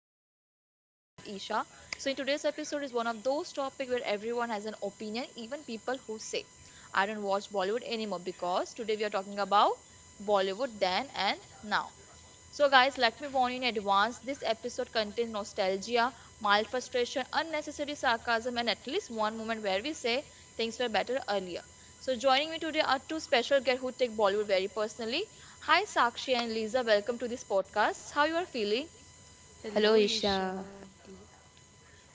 to the Film Gossip with Isha. So in today's episode is one of those topics where everyone has an opinion, even people who say, "I don't watch Bollywood anymore." Because today we are talking about Bollywood then and now. So, guys, let me warn you in advance this episode contains nostalgia, mild frustration, unnecessary sarcasm, and at least one moment where we say things were better earlier. So, joining me today are two special guests who take Bollywood very personally. Hi, Sakshi and Lisa, welcome to this podcast. How you are feeling? Hello, Hello, Isha. Isha.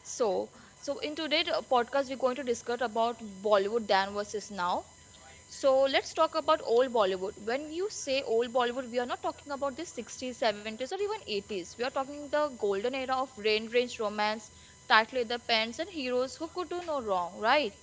So, so in today's podcast, we're going to discuss about Bollywood then versus now. So let's talk about old Bollywood. When you say old Bollywood, we are not talking about the 60s, 70s, or even 80s. We are talking the golden era of rain range romance, tight leather pants, and heroes who could do no wrong, right?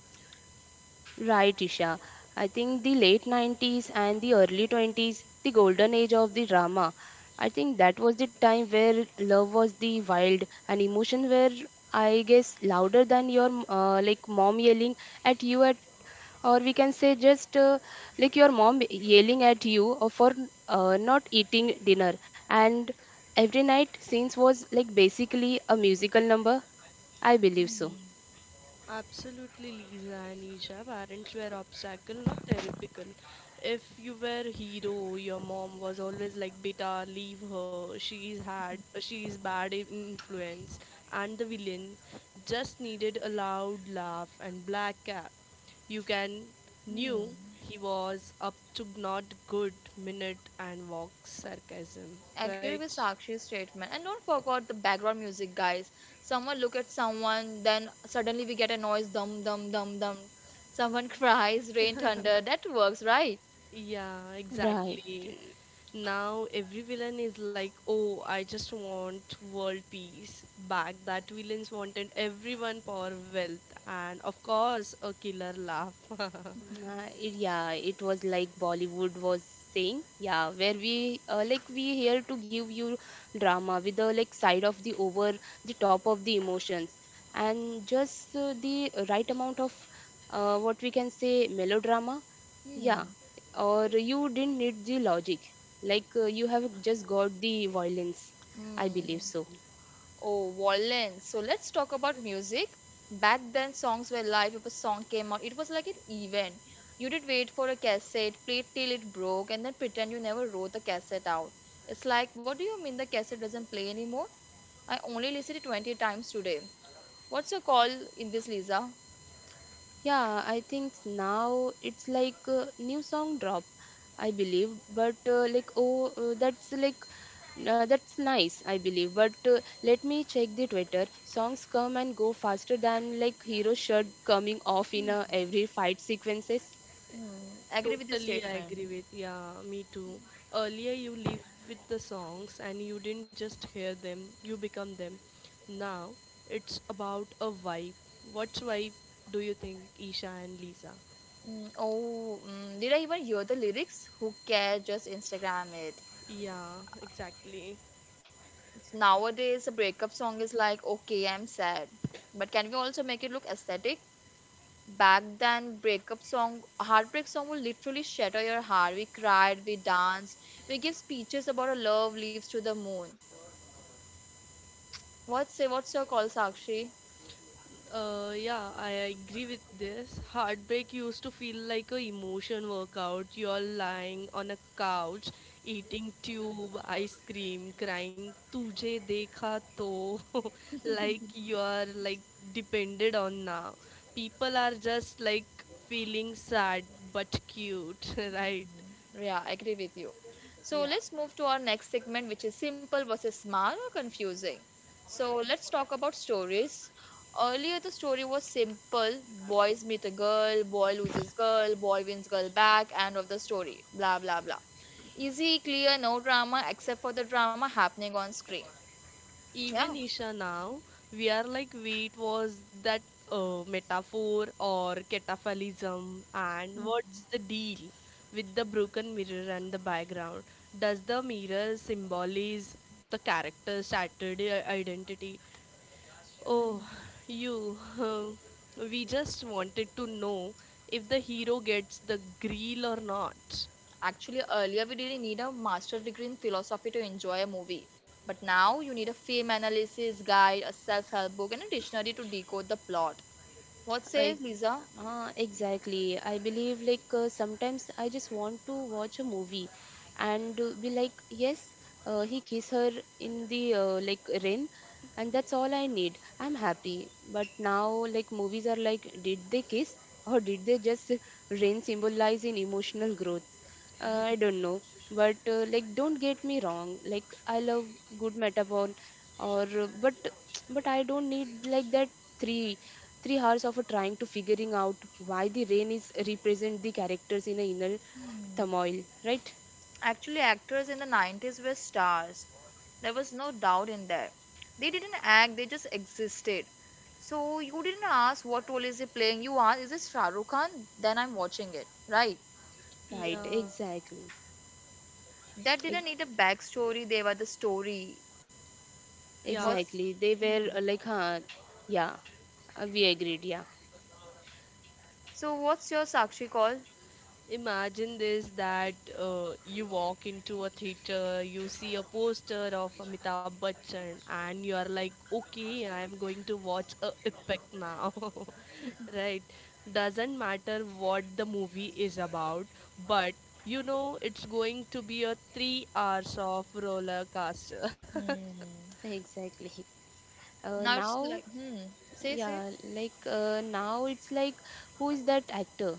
Right, Isha. I think the late 90s and the early 20s, the golden age of the drama. I think that was the time where love was the wild and emotion were, I guess, louder than your like mom yelling at you at, or we can say just like your mom yelling at you or for not eating dinner. And every night scenes was like basically a musical number. I believe so. Absolutely, Lisa and Isha. Parents were obstacle, not therapical. If you were hero, your mom was always like, "Beta, leave her. She is hard. She is bad influence." And the villain just needed a loud laugh and black cap. You can knew Hmm. he was up to not good minute and walk sarcasm, Agree with right? Sakshi's statement. And don't forget the background music, guys. Someone look at someone, then suddenly we get a noise, dum dum dum dum. Someone cries, rain thunder. That works, right? Yeah, Right. exactly. Now every villain is like, oh, I just want world peace. Back that villains wanted everyone for wealth and of course a killer laugh. Yeah, it was like Bollywood was saying, yeah, where we like we here to give you drama with the like side of the over the top of the emotions and just the right amount of what we can say melodrama, yeah, Hmm. or you didn't need the logic, like you have just got the violence, I Hmm. believe so. Oh, Wallen. So let's talk about music. Back then, songs were live. If a song came out, it was like an event. You did wait for a cassette, play it till it broke, and then pretend you never wrote the cassette out. It's like, what do you mean the cassette doesn't play anymore? I only listened it 20 times today. What's your call in this, Lisa? Yeah, I think now it's like new song drop, I believe. But like oh, that's like that's nice, I believe. But let me check the Twitter. Songs come and go faster than like hero shirt coming off in Hmm, every fight sequences. Agree with the Totally I agree statement. with yeah, me too. Earlier you lived with the songs and you didn't just hear them, you become them. Now it's about a vibe. What vibe do you think, Isha and Lisa? Oh, did I even hear the lyrics? Who cares? Just Instagram it. Yeah, exactly. Nowadays, a breakup song is like, okay, I'm sad. But can we also make it look aesthetic? Back then, breakup song, heartbreak song will literally shatter your heart. We cried, we danced, we give speeches about our love leaves to the moon. What say, what's your call, Sakshi? Yeah, I agree with this. Heartbreak used to feel like a emotion workout. You're lying on a couch, eating tube ice cream, crying "Tujhe dekha to," like you're like depended on now. People are just like feeling sad but cute, right? Yeah, I agree with you. So Yeah. let's move to our next segment, which is simple versus smart or confusing. So let's talk about stories. Earlier, the story was simple boys meet a girl, boy loses girl, boy wins girl back, end of the story, blah blah blah. Easy, clear, no drama except for the drama happening on screen. Even Yeah. Isha now, we are like wheat was that metaphor or cataphalism, and what's Hmm. the deal with the broken mirror and the background? Does the mirror symbolize the character's shattered identity? Oh, you, we just wanted to know if the hero gets the grill or not. Actually, earlier we didn't need a master's degree in philosophy to enjoy a movie. But now you need a film analysis guide, a self help book, and a dictionary to decode the plot. What I says Lisa? Exactly. I believe like sometimes I just want to watch a movie and be like, yes, he kiss her in the like rain, and that's all I need. I'm happy. But now, like, movies are like, did they kiss or did they just rain symbolize in emotional growth? I don't know. But, like, don't get me wrong. Like, I love good metaphor, or but I don't need like that three three hours of trying to figuring out why the rain is represent the characters in a inner Hmm. turmoil, right? Actually, actors in the 90s were stars. There was no doubt in that. They didn't act, they just existed. So you didn't ask what role is he playing. You asked, is this Shah Rukh Khan? Then I'm watching it, right? Right, Yeah, exactly. That didn't need a backstory. They were the story. yeah, What's Exactly. They were like, huh, yeah, we agreed, yeah. so? What's your Sakshi call? imagine this that you walk into a theater, you see a poster of Amitabh Bachchan, and you are like, okay, I am going to watch a epic now, right? Doesn't matter what the movie is about, but you know it's going to be a 3 hours of roller coaster. Hmm. Exactly. Now it's Now, like, say, say. yeah, like now it's like who is that actor?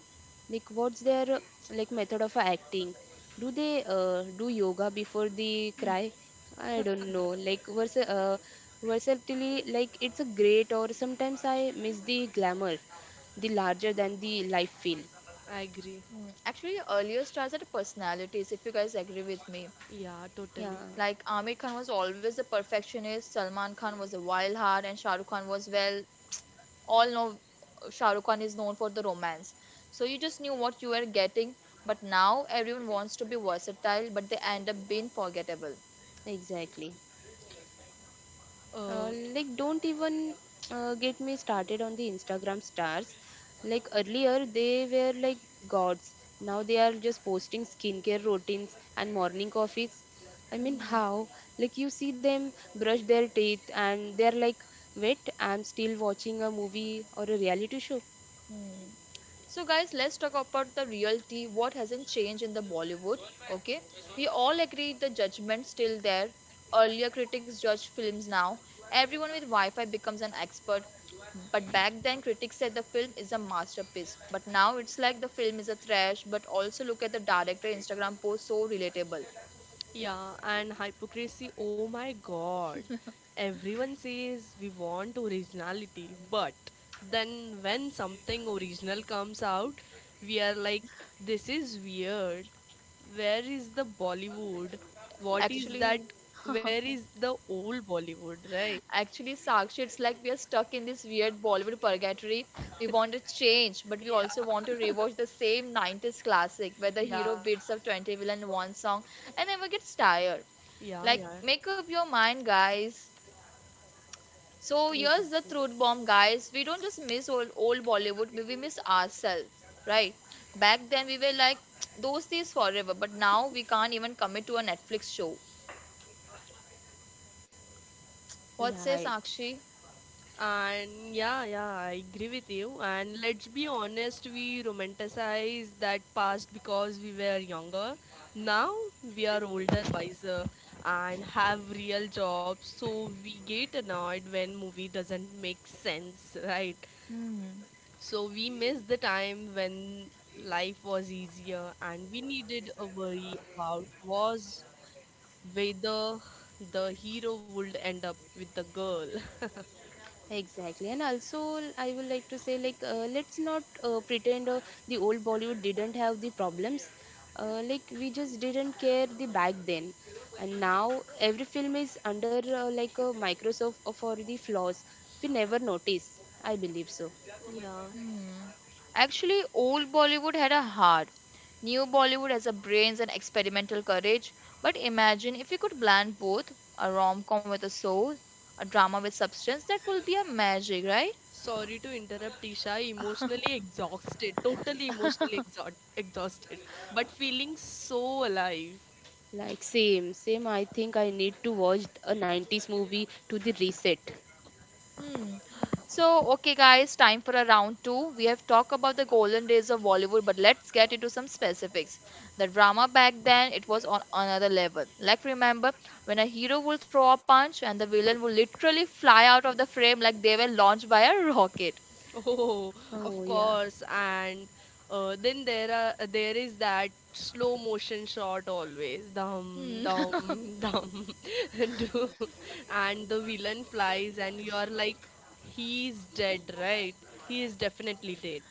Like what's their like method of acting? Do they do yoga before the Hmm. cry? I don't know. Like versatility, like it's a great or sometimes I miss the glamour, the larger than the life feel. I agree. Hmm. Actually, earlier stars had personalities, if you guys agree with me. Yeah, totally. Yeah, Like, Amir Khan was always a perfectionist, Salman Khan was a wild heart, and Shah Rukh Khan was, well, all know Shah Rukh Khan is known for the romance. So you just knew what you were getting, but now everyone wants to be versatile, but they end up being forgettable. exactly. Uh, Uh, like, don't even get me started on the Instagram stars. Like, earlier they were like gods. Now they are just posting skincare routines and morning coffees. I mean, Hmm. how? Like, you see them brush their teeth and they're like, wait, I'm still watching a movie or a reality show. Hmm. So, guys, let's talk about the reality. What hasn't changed in the Bollywood? Okay, we all agree the judgment still there. Earlier critics judge films now. Everyone with Wi-Fi becomes an expert. But back then, critics said the film is a masterpiece. But now it's like the film is a trash. But also look at the director Instagram post, so relatable. Yeah, and hypocrisy, oh my god. Everyone says we want originality, but then when something original comes out, we are like, this is weird. Where is the Bollywood? What is that? Actually, Where is the old Bollywood, right? Actually, Sakshi, it's like we are stuck in this weird Bollywood purgatory. We want to change, but we also want to Yeah, rewatch the same 90s classic where the hero yeah, beats up 20 villain in one song and never gets tired. yeah, Like, yeah. make up your mind, guys. So, here's the Exactly. truth bomb, guys. We don't just miss old, old Bollywood, but we miss ourselves, right? Back then, we were like, those days forever, but now we can't even commit to a Netflix show. What says Right. Sakshi? And yeah, yeah, I agree with you. And let's be honest, we romanticize that past because we were younger. Now we are older, wiser, and have real jobs. So we get annoyed when movie doesn't make sense, right? Hmm. So we miss the time when life was easier and we needed a worry about was whether the hero would end up with the girl. Exactly, and also I would like to say like let's not pretend the old Bollywood didn't have the problems. Like we just didn't care the back then, and now every film is under like a microscope for the flaws we never notice. I believe so. yeah. Hmm. Actually, old Bollywood had a heart. New Bollywood has a brains and experimental courage. But imagine if you could blend both a rom com with a soul, a drama with substance, that will be a magic, right? Sorry to interrupt, Isha. Emotionally exhausted, totally emotionally exhausted, but feeling so alive. Like same, same. I think I need to watch a 90s movie to the reset. Hmm. So, okay, guys, time for a round two. We have talked about the golden days of Bollywood, but let's get into some specifics. The drama back then, it was on another level. Like, remember when a hero would throw a punch and the villain would literally fly out of the frame like they were launched by a rocket. Oh, of Oh yeah. course. And then there is that slow motion shot always, dum Hmm. dum dum, and do- and the villain flies, and you are like, he's dead, right? He is definitely dead,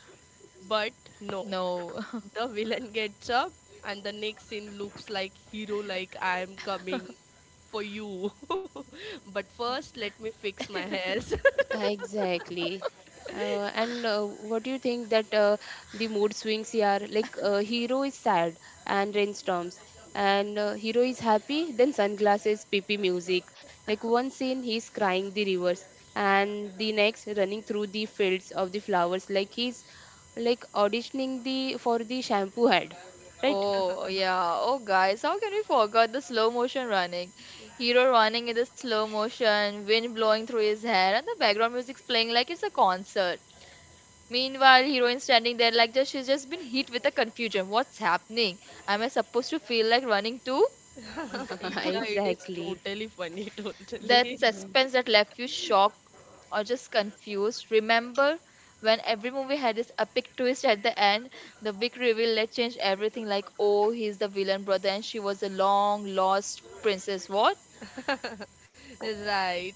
but no. No. The villain gets up and the next scene looks like hero like I am coming for you, but first let me fix my hairs. Exactly. And what do you think that the mood swings here? Like, hero is sad and rainstorms, and hero is happy, then sunglasses, PP music. Like, one scene he's crying the rivers, and the next running through the fields of the flowers, like he's like auditioning the for the shampoo ad, right? Oh, yeah. Oh, guys, how can we forget the slow motion running? Hero running in the slow motion, wind blowing through his hair, and the background music's playing like it's a concert. Meanwhile, heroine standing there like just she's just been hit with a confusion. What's happening? Am I supposed to feel like running too? Yeah, Isha, it is exactly. totally funny, totally. That Hmm. suspense that left you shocked or just confused. Remember when every movie had this epic twist at the end, the big reveal that changed everything. Like, oh, he's the villain brother, and she was a long lost princess. What? Oh, Right.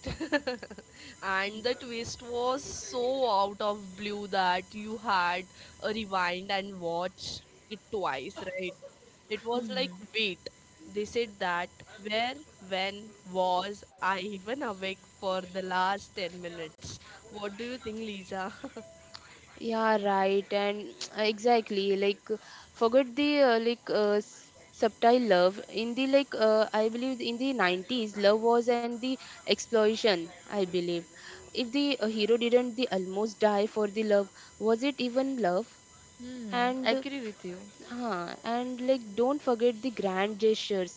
And the twist was so out of blue that you had a rewind and watch it twice, right? It was like, Hmm. wait, they said that. Where, when, was I even awake for the last 10 minutes? What do you think, Lisa? Yeah, right, and exactly like forget the like subtle love in the like I believe in the 90s love was and the explosion I believe if the hero didn't the almost die for the love was it even love Hmm. and Agree with you. huh, and like don't forget the grand gestures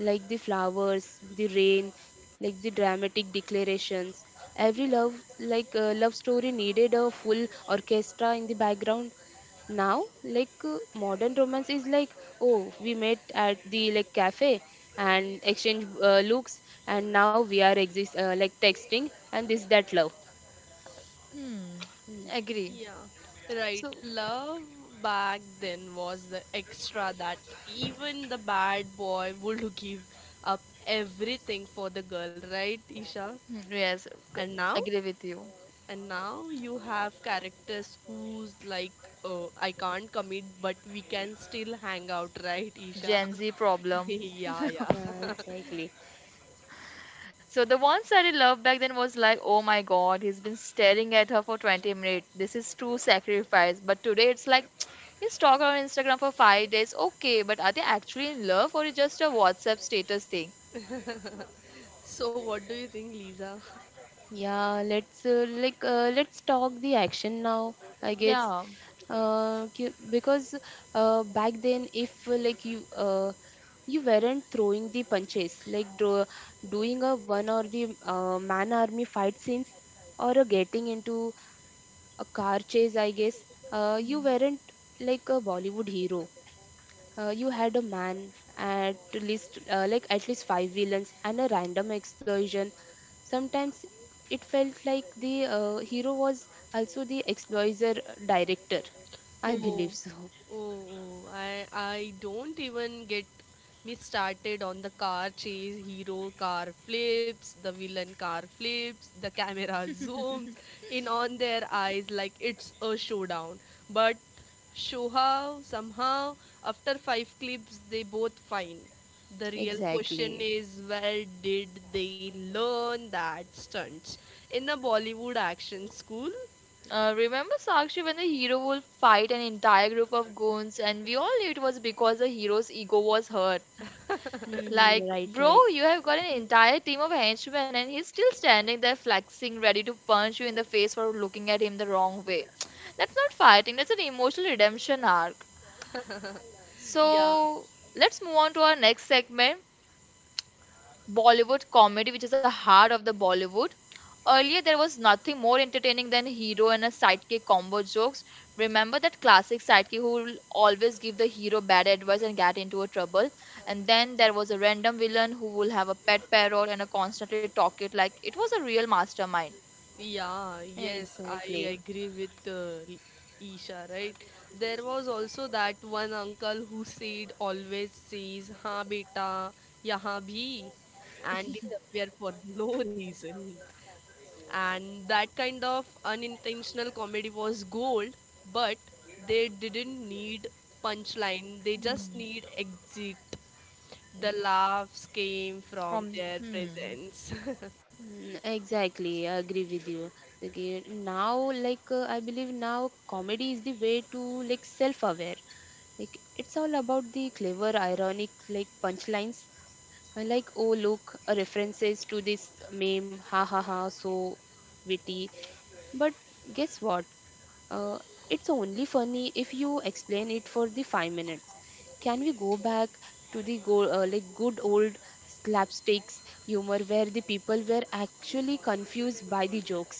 like the flowers, the rain, like the dramatic declarations. Every love like love story needed a full orchestra in the background. Now, like modern romance is like, oh, we met at the like cafe and exchange looks, and now we are exist like texting, and this that love. Hmm. Hmm. Agree. Yeah, right. So Love back then was the extra that even the bad boy would give up everything for the girl, right, Isha? Yes, g- And now, agree with you. and now you have characters who's like, oh, I can't commit, but we can still hang out, right, Isha? Gen Z problem. yeah, yeah. Yeah, exactly. So the one sided love back then was like, oh my god, he's been staring at her for 20 minutes. This is true sacrifice. But today it's like, you stalk her on Instagram for 5 days. Okay, but are they actually in love or is just a WhatsApp status thing? So, what do you think, Lisa? Yeah, let's talk the action now, I guess. Yeah. Because back then, if like you weren't throwing the punches, like doing a one or the man army fight scenes, or getting into a car chase, I guess. You Hmm. weren't like a Bollywood hero. You had a man at least like at least five villains and a random explosion. Sometimes it felt like the hero was also the exploiter director. I Oh, believe Hmm. so. oh, oh. I don't even get me started on the car chase, hero car flips, the villain car flips, the camera zooms in on their eyes like it's a showdown. But somehow, after five clips, they both fine. The real question Exactly. is where did they learn that stunts? In a Bollywood action school? Remember Sakshi when the hero will fight an entire group of goons, and we all knew it was because the hero's ego was hurt. Hmm. Like, Right, bro, right. you have got an entire team of henchmen and he's still standing there flexing, ready to punch you in the face for looking at him the wrong way. That's not fighting, that's an emotional redemption arc. Yeah. So, let's move on to our next segment Bollywood comedy, which is the heart of the Bollywood. Earlier, there was nothing more entertaining than hero and a sidekick combo jokes. Remember that classic sidekick who will always give the hero bad advice and get into a trouble? And then there was a random villain who will have a pet parrot and a constantly talk it like it was a real mastermind. Yeah, yes, I Exactly. agree with Isha, right? There was also that one uncle who said always says, "Ha beta, yaha bhi," and disappear for no reason. And that kind of unintentional comedy was gold, but they didn't need punchline. They just Hmm. need exit. The laughs came from From, their hmm, presence. Mm, exactly, I agree with you. Okay, now, like, I believe now comedy is the way to like self-aware. Like, it's all about the clever, ironic, like punchlines I like, oh, look, references to this meme, ha ha ha, so witty. But guess what? Uh, it's only funny if you explain it for the 5 minutes. Can we go back to the like good old slapsticks humor where the people were actually confused by the jokes?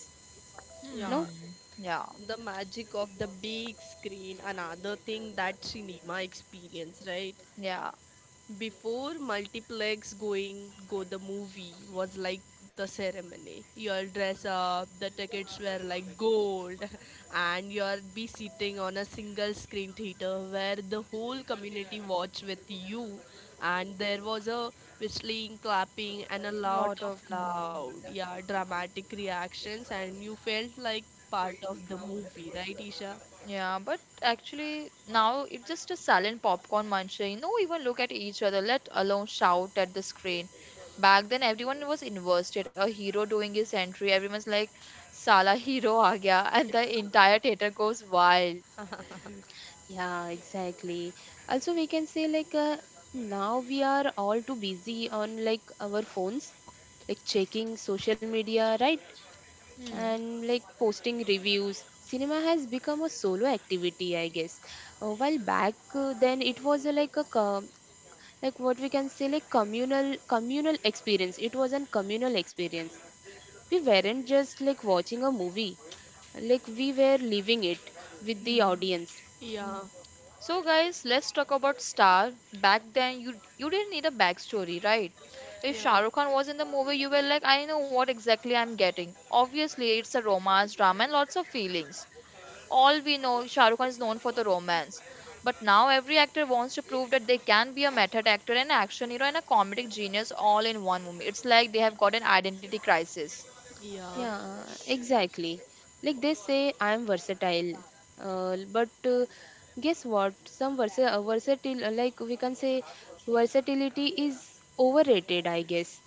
Yeah. No? hmm, yeah, The magic of the big screen, another thing that cinema experience, right? yeah, Before multiplex going go the movie was like the ceremony, you'll dress up, the tickets were like gold, and you'll be sitting on a single screen theater where the whole community watch with you, and there was a whistling, clapping, and a lot lot of of, hmm. loud yeah dramatic reactions, and you felt like part of the movie, right, Isha? Yeah, but actually now it's just a silent popcorn munching. No even look at each other, let alone shout at the screen. Back then everyone was invested, a hero doing his entry. Everyone's like, Sala hero aa gaya, and the entire theater goes wild. Yeah, exactly. Also, we can say like now we are all too busy on like our phones, like checking social media, right? Hmm. And like posting reviews. Cinema has become a solo activity, I guess. While back then it was a, like a like what we can say like communal experience. It was an communal experience. We weren't just like watching a movie like we were living it with the Hmm. audience. Yeah, So guys, let's talk about Star. Back then you didn't need a backstory, right? If yeah, Shah Rukh Khan was in the movie, you were like, I know what exactly I'm getting. Obviously, it's a romance, drama, and lots of feelings. All we know Shah Rukh Khan is known for the romance, but now every actor wants to prove that they can be a method actor, an action hero, and a comedic genius all in one movie. It's like they have got an identity crisis. yeah. Yeah, exactly. Like they say, I'm versatile. But guess what? Some versa versatile, like we can say, versatility is overrated, I guess.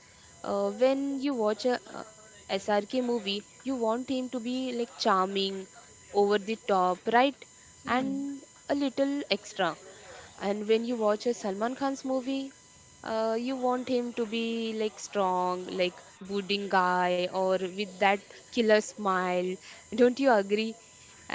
When you watch a SRK movie, you want him to be like charming, over the top, right? hmm. And a little extra. And when you watch a Salman Khan's movie, you want him to be like strong like brooding guy or with that killer smile, don't you agree?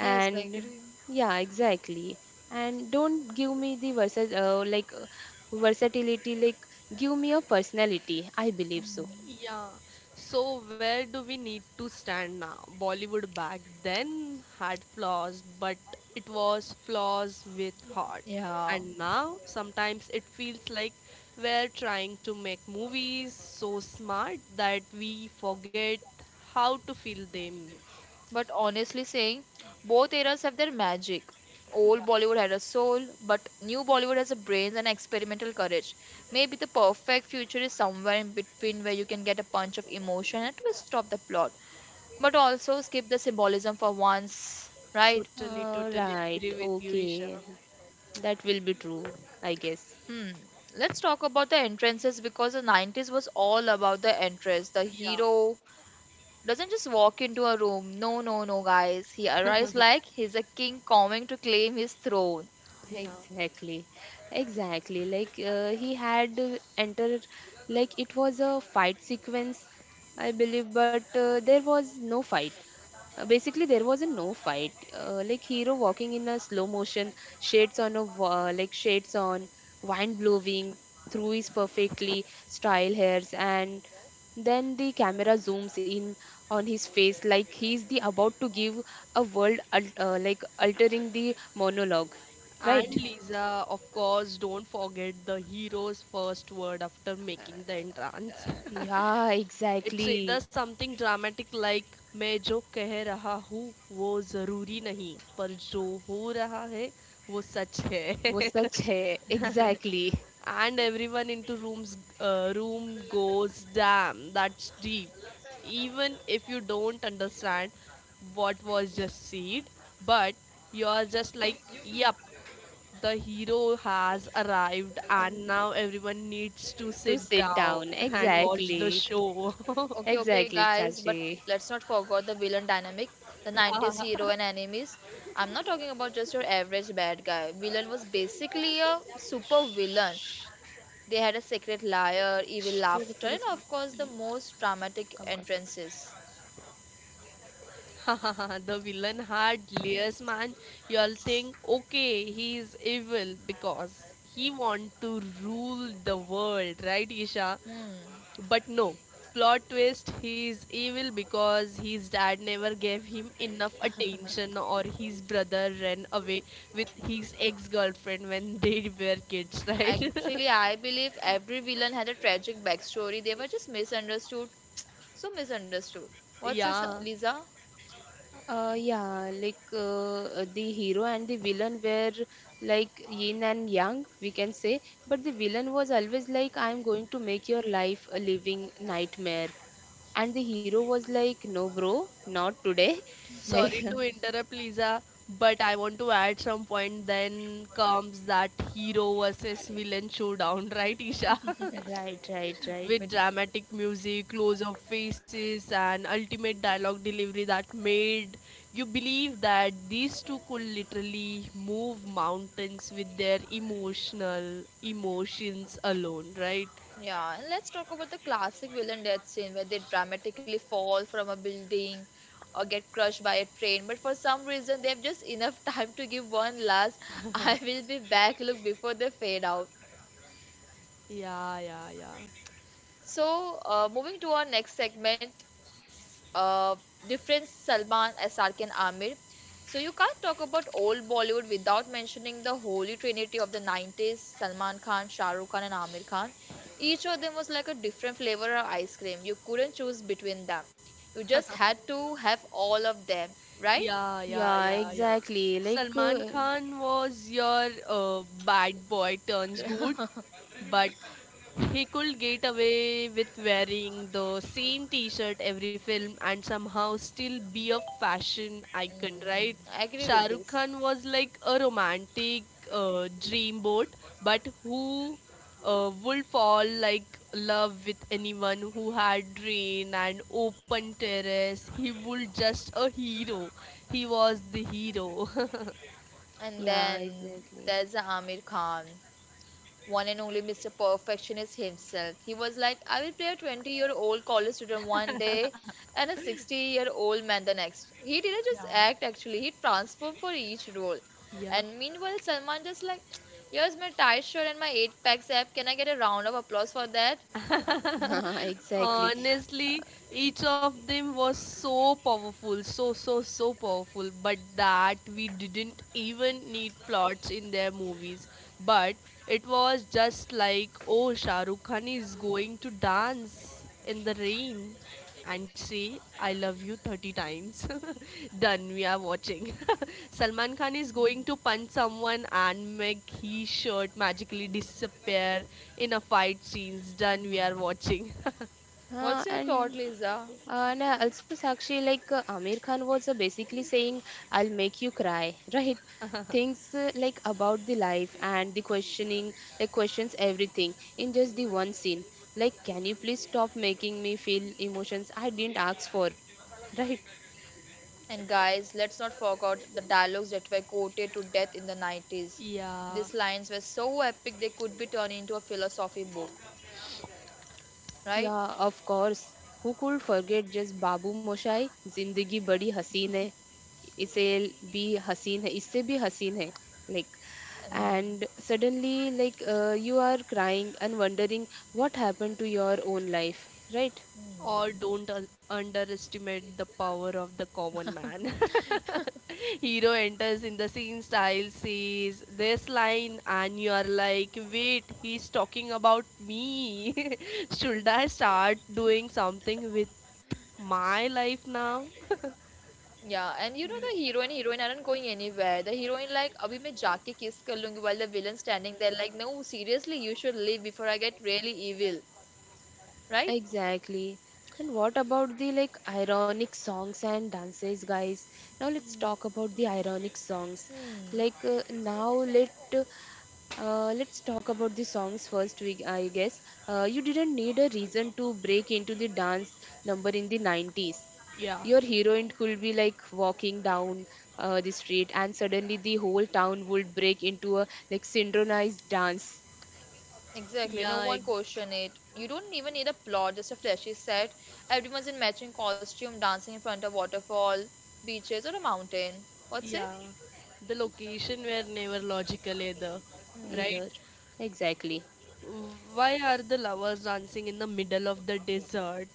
Yes, I agree. yeah, exactly. And don't give me the versus like versatility. Like give me a personality, I believe so. Hmm. Yeah. So where do we need to stand now? Bollywood back then had flaws, but it was flaws with heart. yeah And now sometimes it feels like we're trying to make movies so smart that we forget how to feel them. but honestly saying, both eras have their magic. Old Yeah, Bollywood had a soul, but new Bollywood has a brains and experimental courage. Maybe the perfect future is somewhere in between where you can get a punch of emotion and a twist of the plot, but also skip the symbolism for once, right? totally, totally agree Right, with you, Isha. okay, that will be true, I guess. Hmm. Let's talk about the entrances because the 90s was all about the entrance. The Yeah, hero doesn't just walk into a room. No, no, no, guys. He arrives like he's a king coming to claim his throne. yeah. Exactly, exactly. Like he had entered, like it was a fight sequence, I believe, but there was no fight. Basically, there was a no fight. Like hero walking in a slow motion, shades on a wa- like shades on, wine blowing through his perfectly style hairs, and then the camera zooms in on his face like he's the about to give a like altering the monologue, And right? Lisa, of course, don't forget the hero's first word after making the entrance. Yeah, It's either exactly. something dramatic like मैं जो कह रहा हूँ वो ज़रूरी नहीं पर जो हो रहा है वो सच वो है. सच है exactly. And everyone into rooms room goes damn that's deep, even if you don't understand what was just said, but you are just like yep, the hero has arrived and now everyone needs to तो sit sit down down and watch the exactly, show. Okay, okay, exactly guys, but साची. let's not forget the villain dynamic, the 90s yeah. hero and enemies. I'm not talking about just your average bad guy. Villain was basically a super villain. They had a secret liar, evil थोड़ा laughter, थोड़ा and of course, the most dramatic कम कर. entrances. The villain had layers, man. You'll think, okay, he's evil because he want to rule the world, right, Isha? Hmm. But no, plot twist, he's evil because his dad never gave him enough attention or his brother ran away with his ex-girlfriend when they were kids, right? Actually, I believe every villain had a tragic backstory. They were just misunderstood. So misunderstood. What's this, Yeah. Lisa? Yeah, like the hero and the villain were like yin and yang, we can say. But the villain was always like, I'm going to make your life a living nightmare. And the hero was like, no, bro, not today. Like, Sorry to interrupt, Lisa, but I want to add some point. Then comes that hero versus villain showdown, right, Isha? right, right, right. With Wait. dramatic music, close up faces, and ultimate dialogue delivery that made you believe that these two could literally move mountains with their emotional emotions alone, right? Yeah, and let's talk about the classic villain death scene where they dramatically fall from a building or get crushed by a train. But for some reason, they have just enough time to give one last "I will be back" look before they fade out. Yeah, yeah, yeah. So, moving to our next segment, s- uh, difference Salman, SRK, and Amir. So, you can't talk about old Bollywood without mentioning the holy trinity of the 90s Salman Khan, Shah Rukh Khan, and Amir Khan. Each of them was like a different flavor of ice cream. You couldn't choose between them. You just had to have all of them, right? Yeah, yeah, Yeah, yeah, yeah. exactly. Like, Salman Khan was your bad boy turns good, but he could get away with wearing the same t-shirt every film and somehow still be a fashion icon, right? Mm, I agree Shah with Rukh this. Khan was like a romantic dreamboat, but who would fall like love with anyone who had rain and open terrace. He would just a hero. He was the hero. And yeah, then exactly. there's Amir Khan. One and only Mr. Perfectionist himself. He was like, I will play a 20-year-old college student one day and a 60-year-old man the next. He didn't just act actually, he transformed for each role. yeah. And meanwhile, Salman just like, here's my tight shirt and my 8 packs app. Can I get a round of applause for that? Exactly. Honestly, each of them was so powerful, so, so, so powerful, but that we didn't even need plots in their movies. But it was just like, oh, Shah Rukh Khan is going to dance in the rain and say, I love you 30 times. Done, we are watching. Salman Khan is going to punch someone and make his shirt magically disappear in a fight scenes. Done, we are watching. Uh, What's your and thought, Lisa? And also Sakshi, like Amir Khan was basically saying, "I'll make you cry," right? Things like about the life and the questioning, like questions everything in just the one scene. Like, can you please stop making me feel emotions I didn't ask for, right? And guys, let's not forget the dialogues that were quoted to death in the 90s. Yeah, These lines were so epic they could be turned into a philosophy book, right? Yeah, of course. Who could forget just बाबू मोशाई जिंदगी बड़ी हसीन है इसे भी हसीन है इससे भी हसीन है like And, and suddenly like you are crying and wondering what happened to your own life, right? or hmm. don't un- underestimate the power of the common man. Hero enters in the scene style, says this line, and you are like, wait, he's talking about me. Should I start doing something with my life now? Yeah, and you know the hero and heroine aren't going anywhere. The heroine like अभी मैं जाके kiss कर लूंगी, while the villain standing there like, no, seriously, you should leave before I get really evil, right? Exactly. And what about the like ironic songs and dances, guys? Now let's Hmm. talk about the ironic songs. Hmm. Like now let let's talk about the songs first. We I guess you didn't need a reason to break into the dance number in the 90s. yeah, Your heroine could be like walking down the street, and suddenly the whole town would break into a like synchronized dance. Exactly. No yeah, one ex- question it. You don't even need a plot, just a flashy set. Everyone's in matching costume, dancing in front of waterfall, beaches, or a mountain. What's yeah. it? The location were never logical either, right? Hmm. Either exactly. Why are the lovers dancing in the middle of the desert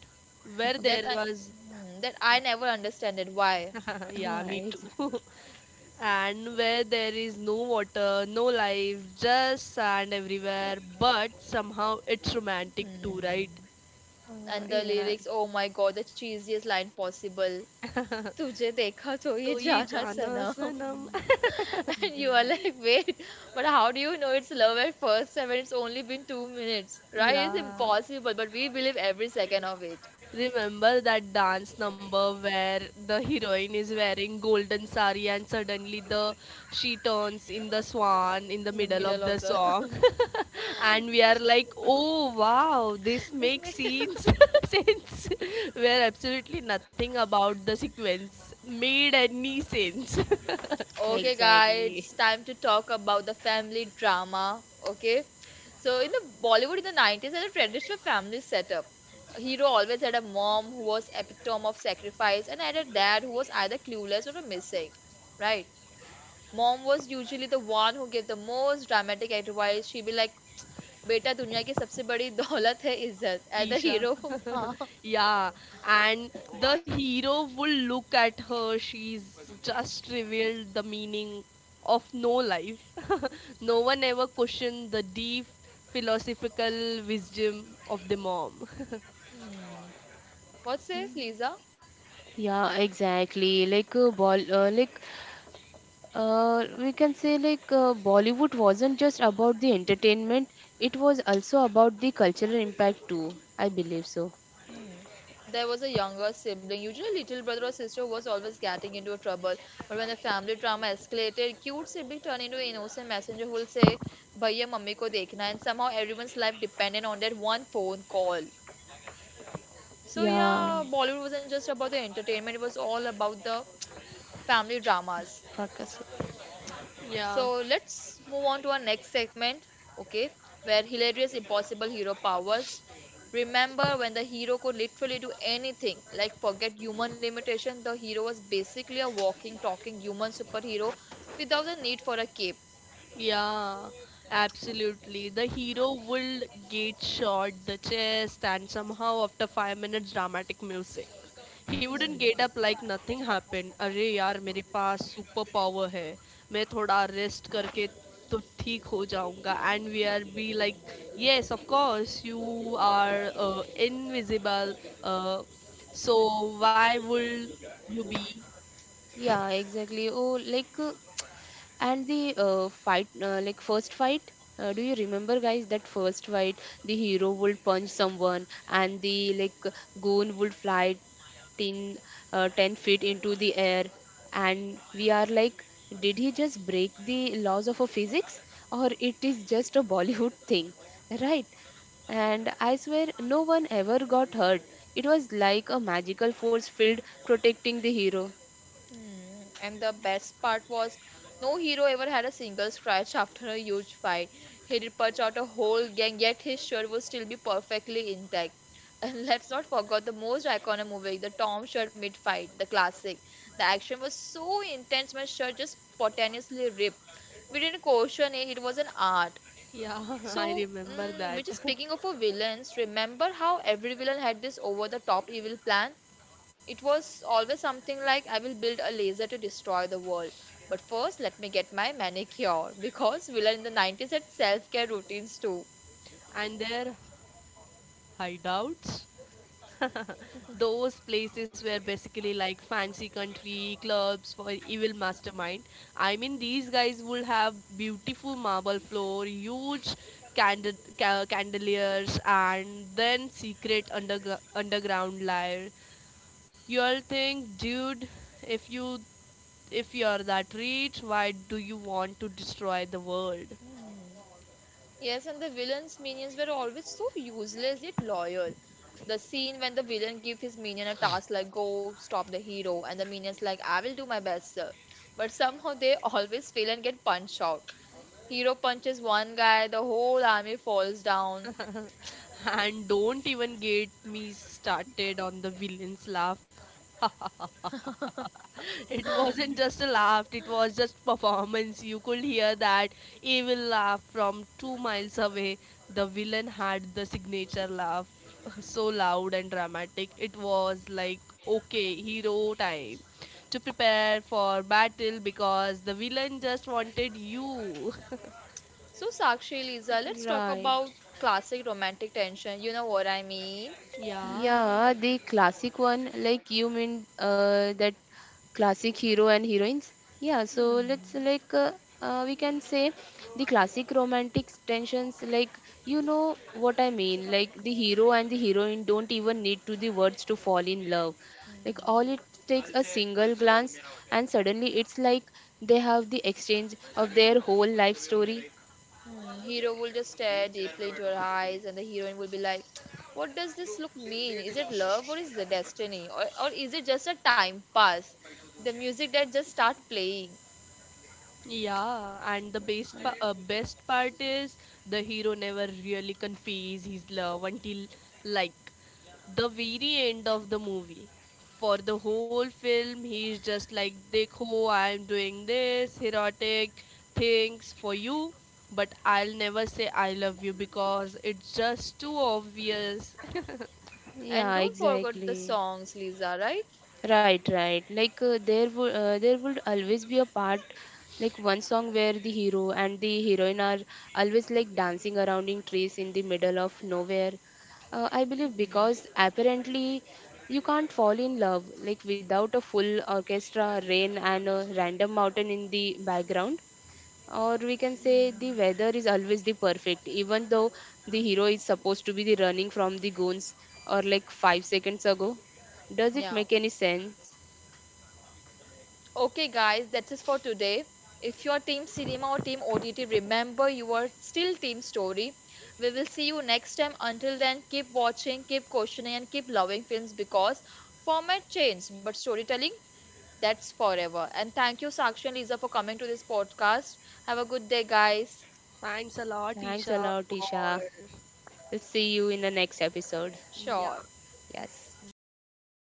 where there That I was that I never understand it. Why? yeah, me Why? too. And where there is no water, no life, just sand everywhere, but somehow it's romantic too, right? Hmm. And the Yeah, lyrics, oh my god, the cheesiest line possible. तुझे देखा तो ये तो ये जाना जाना सनम सनम. And you are like, wait, but how do you know it's love at first sight when it's only been 2 minutes, right? It's yeah. impossible, but we believe every second of it. Remember that dance number where the heroine is wearing golden sari and suddenly the she turns in the swan in the In the middle of middle the of the song, and we are like oh wow this this makes may- scenes sense, where absolutely nothing about the sequence made any sense. okay guys, it's exactly. time to talk about the family drama. Okay, so in the bollywood in the 90s had a traditional family setup. A hero always had a mom who was epitome of sacrifice and had a dad who was either clueless or a missing, right? Mom was usually the one who gave the most dramatic advice. She'd be like, बेटा दुनिया की सबसे बड़ी दौलत है इज्जत as the Isha. Hero Yeah, and the hero will look at her. She's just revealed the meaning of no life. No one ever questioned the deep philosophical wisdom of the mom. What says Lisa? Yeah, exactly. Like bol like we can say like Bollywood wasn't just about the entertainment; it was also about the cultural impact too. I believe so. Hmm. There was a younger sibling, usually little brother or sister, was always getting into a trouble. But when the family drama escalated, cute sibling turned into an innocent messenger who will say, "Bhaiya, mummy ko dekhna," and somehow everyone's life depended on that one phone call. So Yeah, yeah, Bollywood wasn't just about the entertainment; it was all about the family dramas. podcast. Yeah. So let's move on to our next segment, okay, where hilarious impossible hero powers. Remember when the hero could literally do anything, like forget human limitation, the hero was basically a walking, talking human superhero without the need for a cape. Yeah, absolutely. The hero will get shot the chest and somehow after 5 minutes dramatic music. He wouldn't Hmm. get up like nothing happened. अरे यार मेरे पास super power है, मैं थोड़ा rest करके तो ठीक हो जाऊंगा. And we are be like yes of course you are invisible so why would you be. Yeah, exactly. Oh, like and the like first fight, do you remember, guys, that first fight? The hero would punch someone, and the like goon would fly 10, uh, 10 feet into the air. And we are like, did he just break the laws of a physics, or it is just a Bollywood thing, right? And I swear, no one ever got hurt. It was like a magical force field protecting the hero, Hmm. And the best part was no hero ever had a single scratch after a huge fight. He'd punch out a whole gang, yet his shirt would still be perfectly intact. And let's not forget the most iconic movie, the Tom shirt mid fight, the classic. The action was so intense, my shirt just spontaneously ripped. We didn't question it, it was an art. या I So, remember which is that. speaking of a villains, remember how every villain had this over the top evil plan? It was always something like, I will build a laser to destroy the world. But first, let me get my manicure. Because villain in the 90s had self care routines too. And there hideouts. Those places were basically like fancy country clubs for evil mastermind. I mean, these guys would have beautiful marble floor, huge candeliers, and then secret underground lair. You'll think, dude, if you if you're that rich, why do you want to destroy the world? Hmm. Yes, and the villain's minions were always so useless yet loyal. The scene when the villain gives his minion a task like, go stop the hero, and the minion's like, I will do my best, sir. But somehow they always fail and get punched out. Hero punches one guy, the whole army falls down. And don't even get me started on the villain's laugh. It wasn't just a laugh, it was just performance. You could hear that evil laugh from 2 miles away. The villain had the signature laugh, so loud and dramatic. It was like, okay, hero time to prepare for battle because the villain just wanted you. So, Sakshi, Lisa, let's talk right? about classic romantic tension. You know what I mean? yeah. Yeah, the classic one, like you mean that classic hero and heroines. Yeah, so let's Hmm. like we can say the classic romantic tensions, like you know what I mean, like the hero and the heroine don't even need to the words to fall in love. Like Hmm. all it takes a single glance, and suddenly it's like they have the exchange of their whole life story. Hmm, hero will just stare deeply into her eyes, and the heroine will be like, what does this look mean? Is it love or is it destiny? Or is it just a time pass? The music that just start playing. Yeah, and the best part is the hero never really conveys his love until like the very end of the movie. For the whole film, he's just like, "Dekho, I'm doing this erotic things for you, but I'll never say I love you because it's just too obvious." And Yeah, don't forget the exactly. songs, Lisa, right? Right, right. Like there would always be a part like one song where the hero and the heroine are always like dancing around in trees in the middle of nowhere. I believe Hmm. because apparently you can't fall in love like without a full orchestra, rain and a random mountain in the background, or we can say the Hmm. weather is always the perfect even though the hero is supposed to be the running from the goons or like 5 seconds ago, does it Yeah. make any sense? Okay, guys, that's it for today. If you're Team Cinema or Team OTT, remember you are still Team Story. We will see you next time. Until then, keep watching, keep questioning, and keep loving films because format changed, but storytelling, that's forever. And thank you, Sakshi and Lisa, for coming to this podcast. Have a good day, guys. Thanks a lot, Thanks a Isha, lot, Isha. for We'll see you in the next episode. yeah. Sure. Yes. Bye.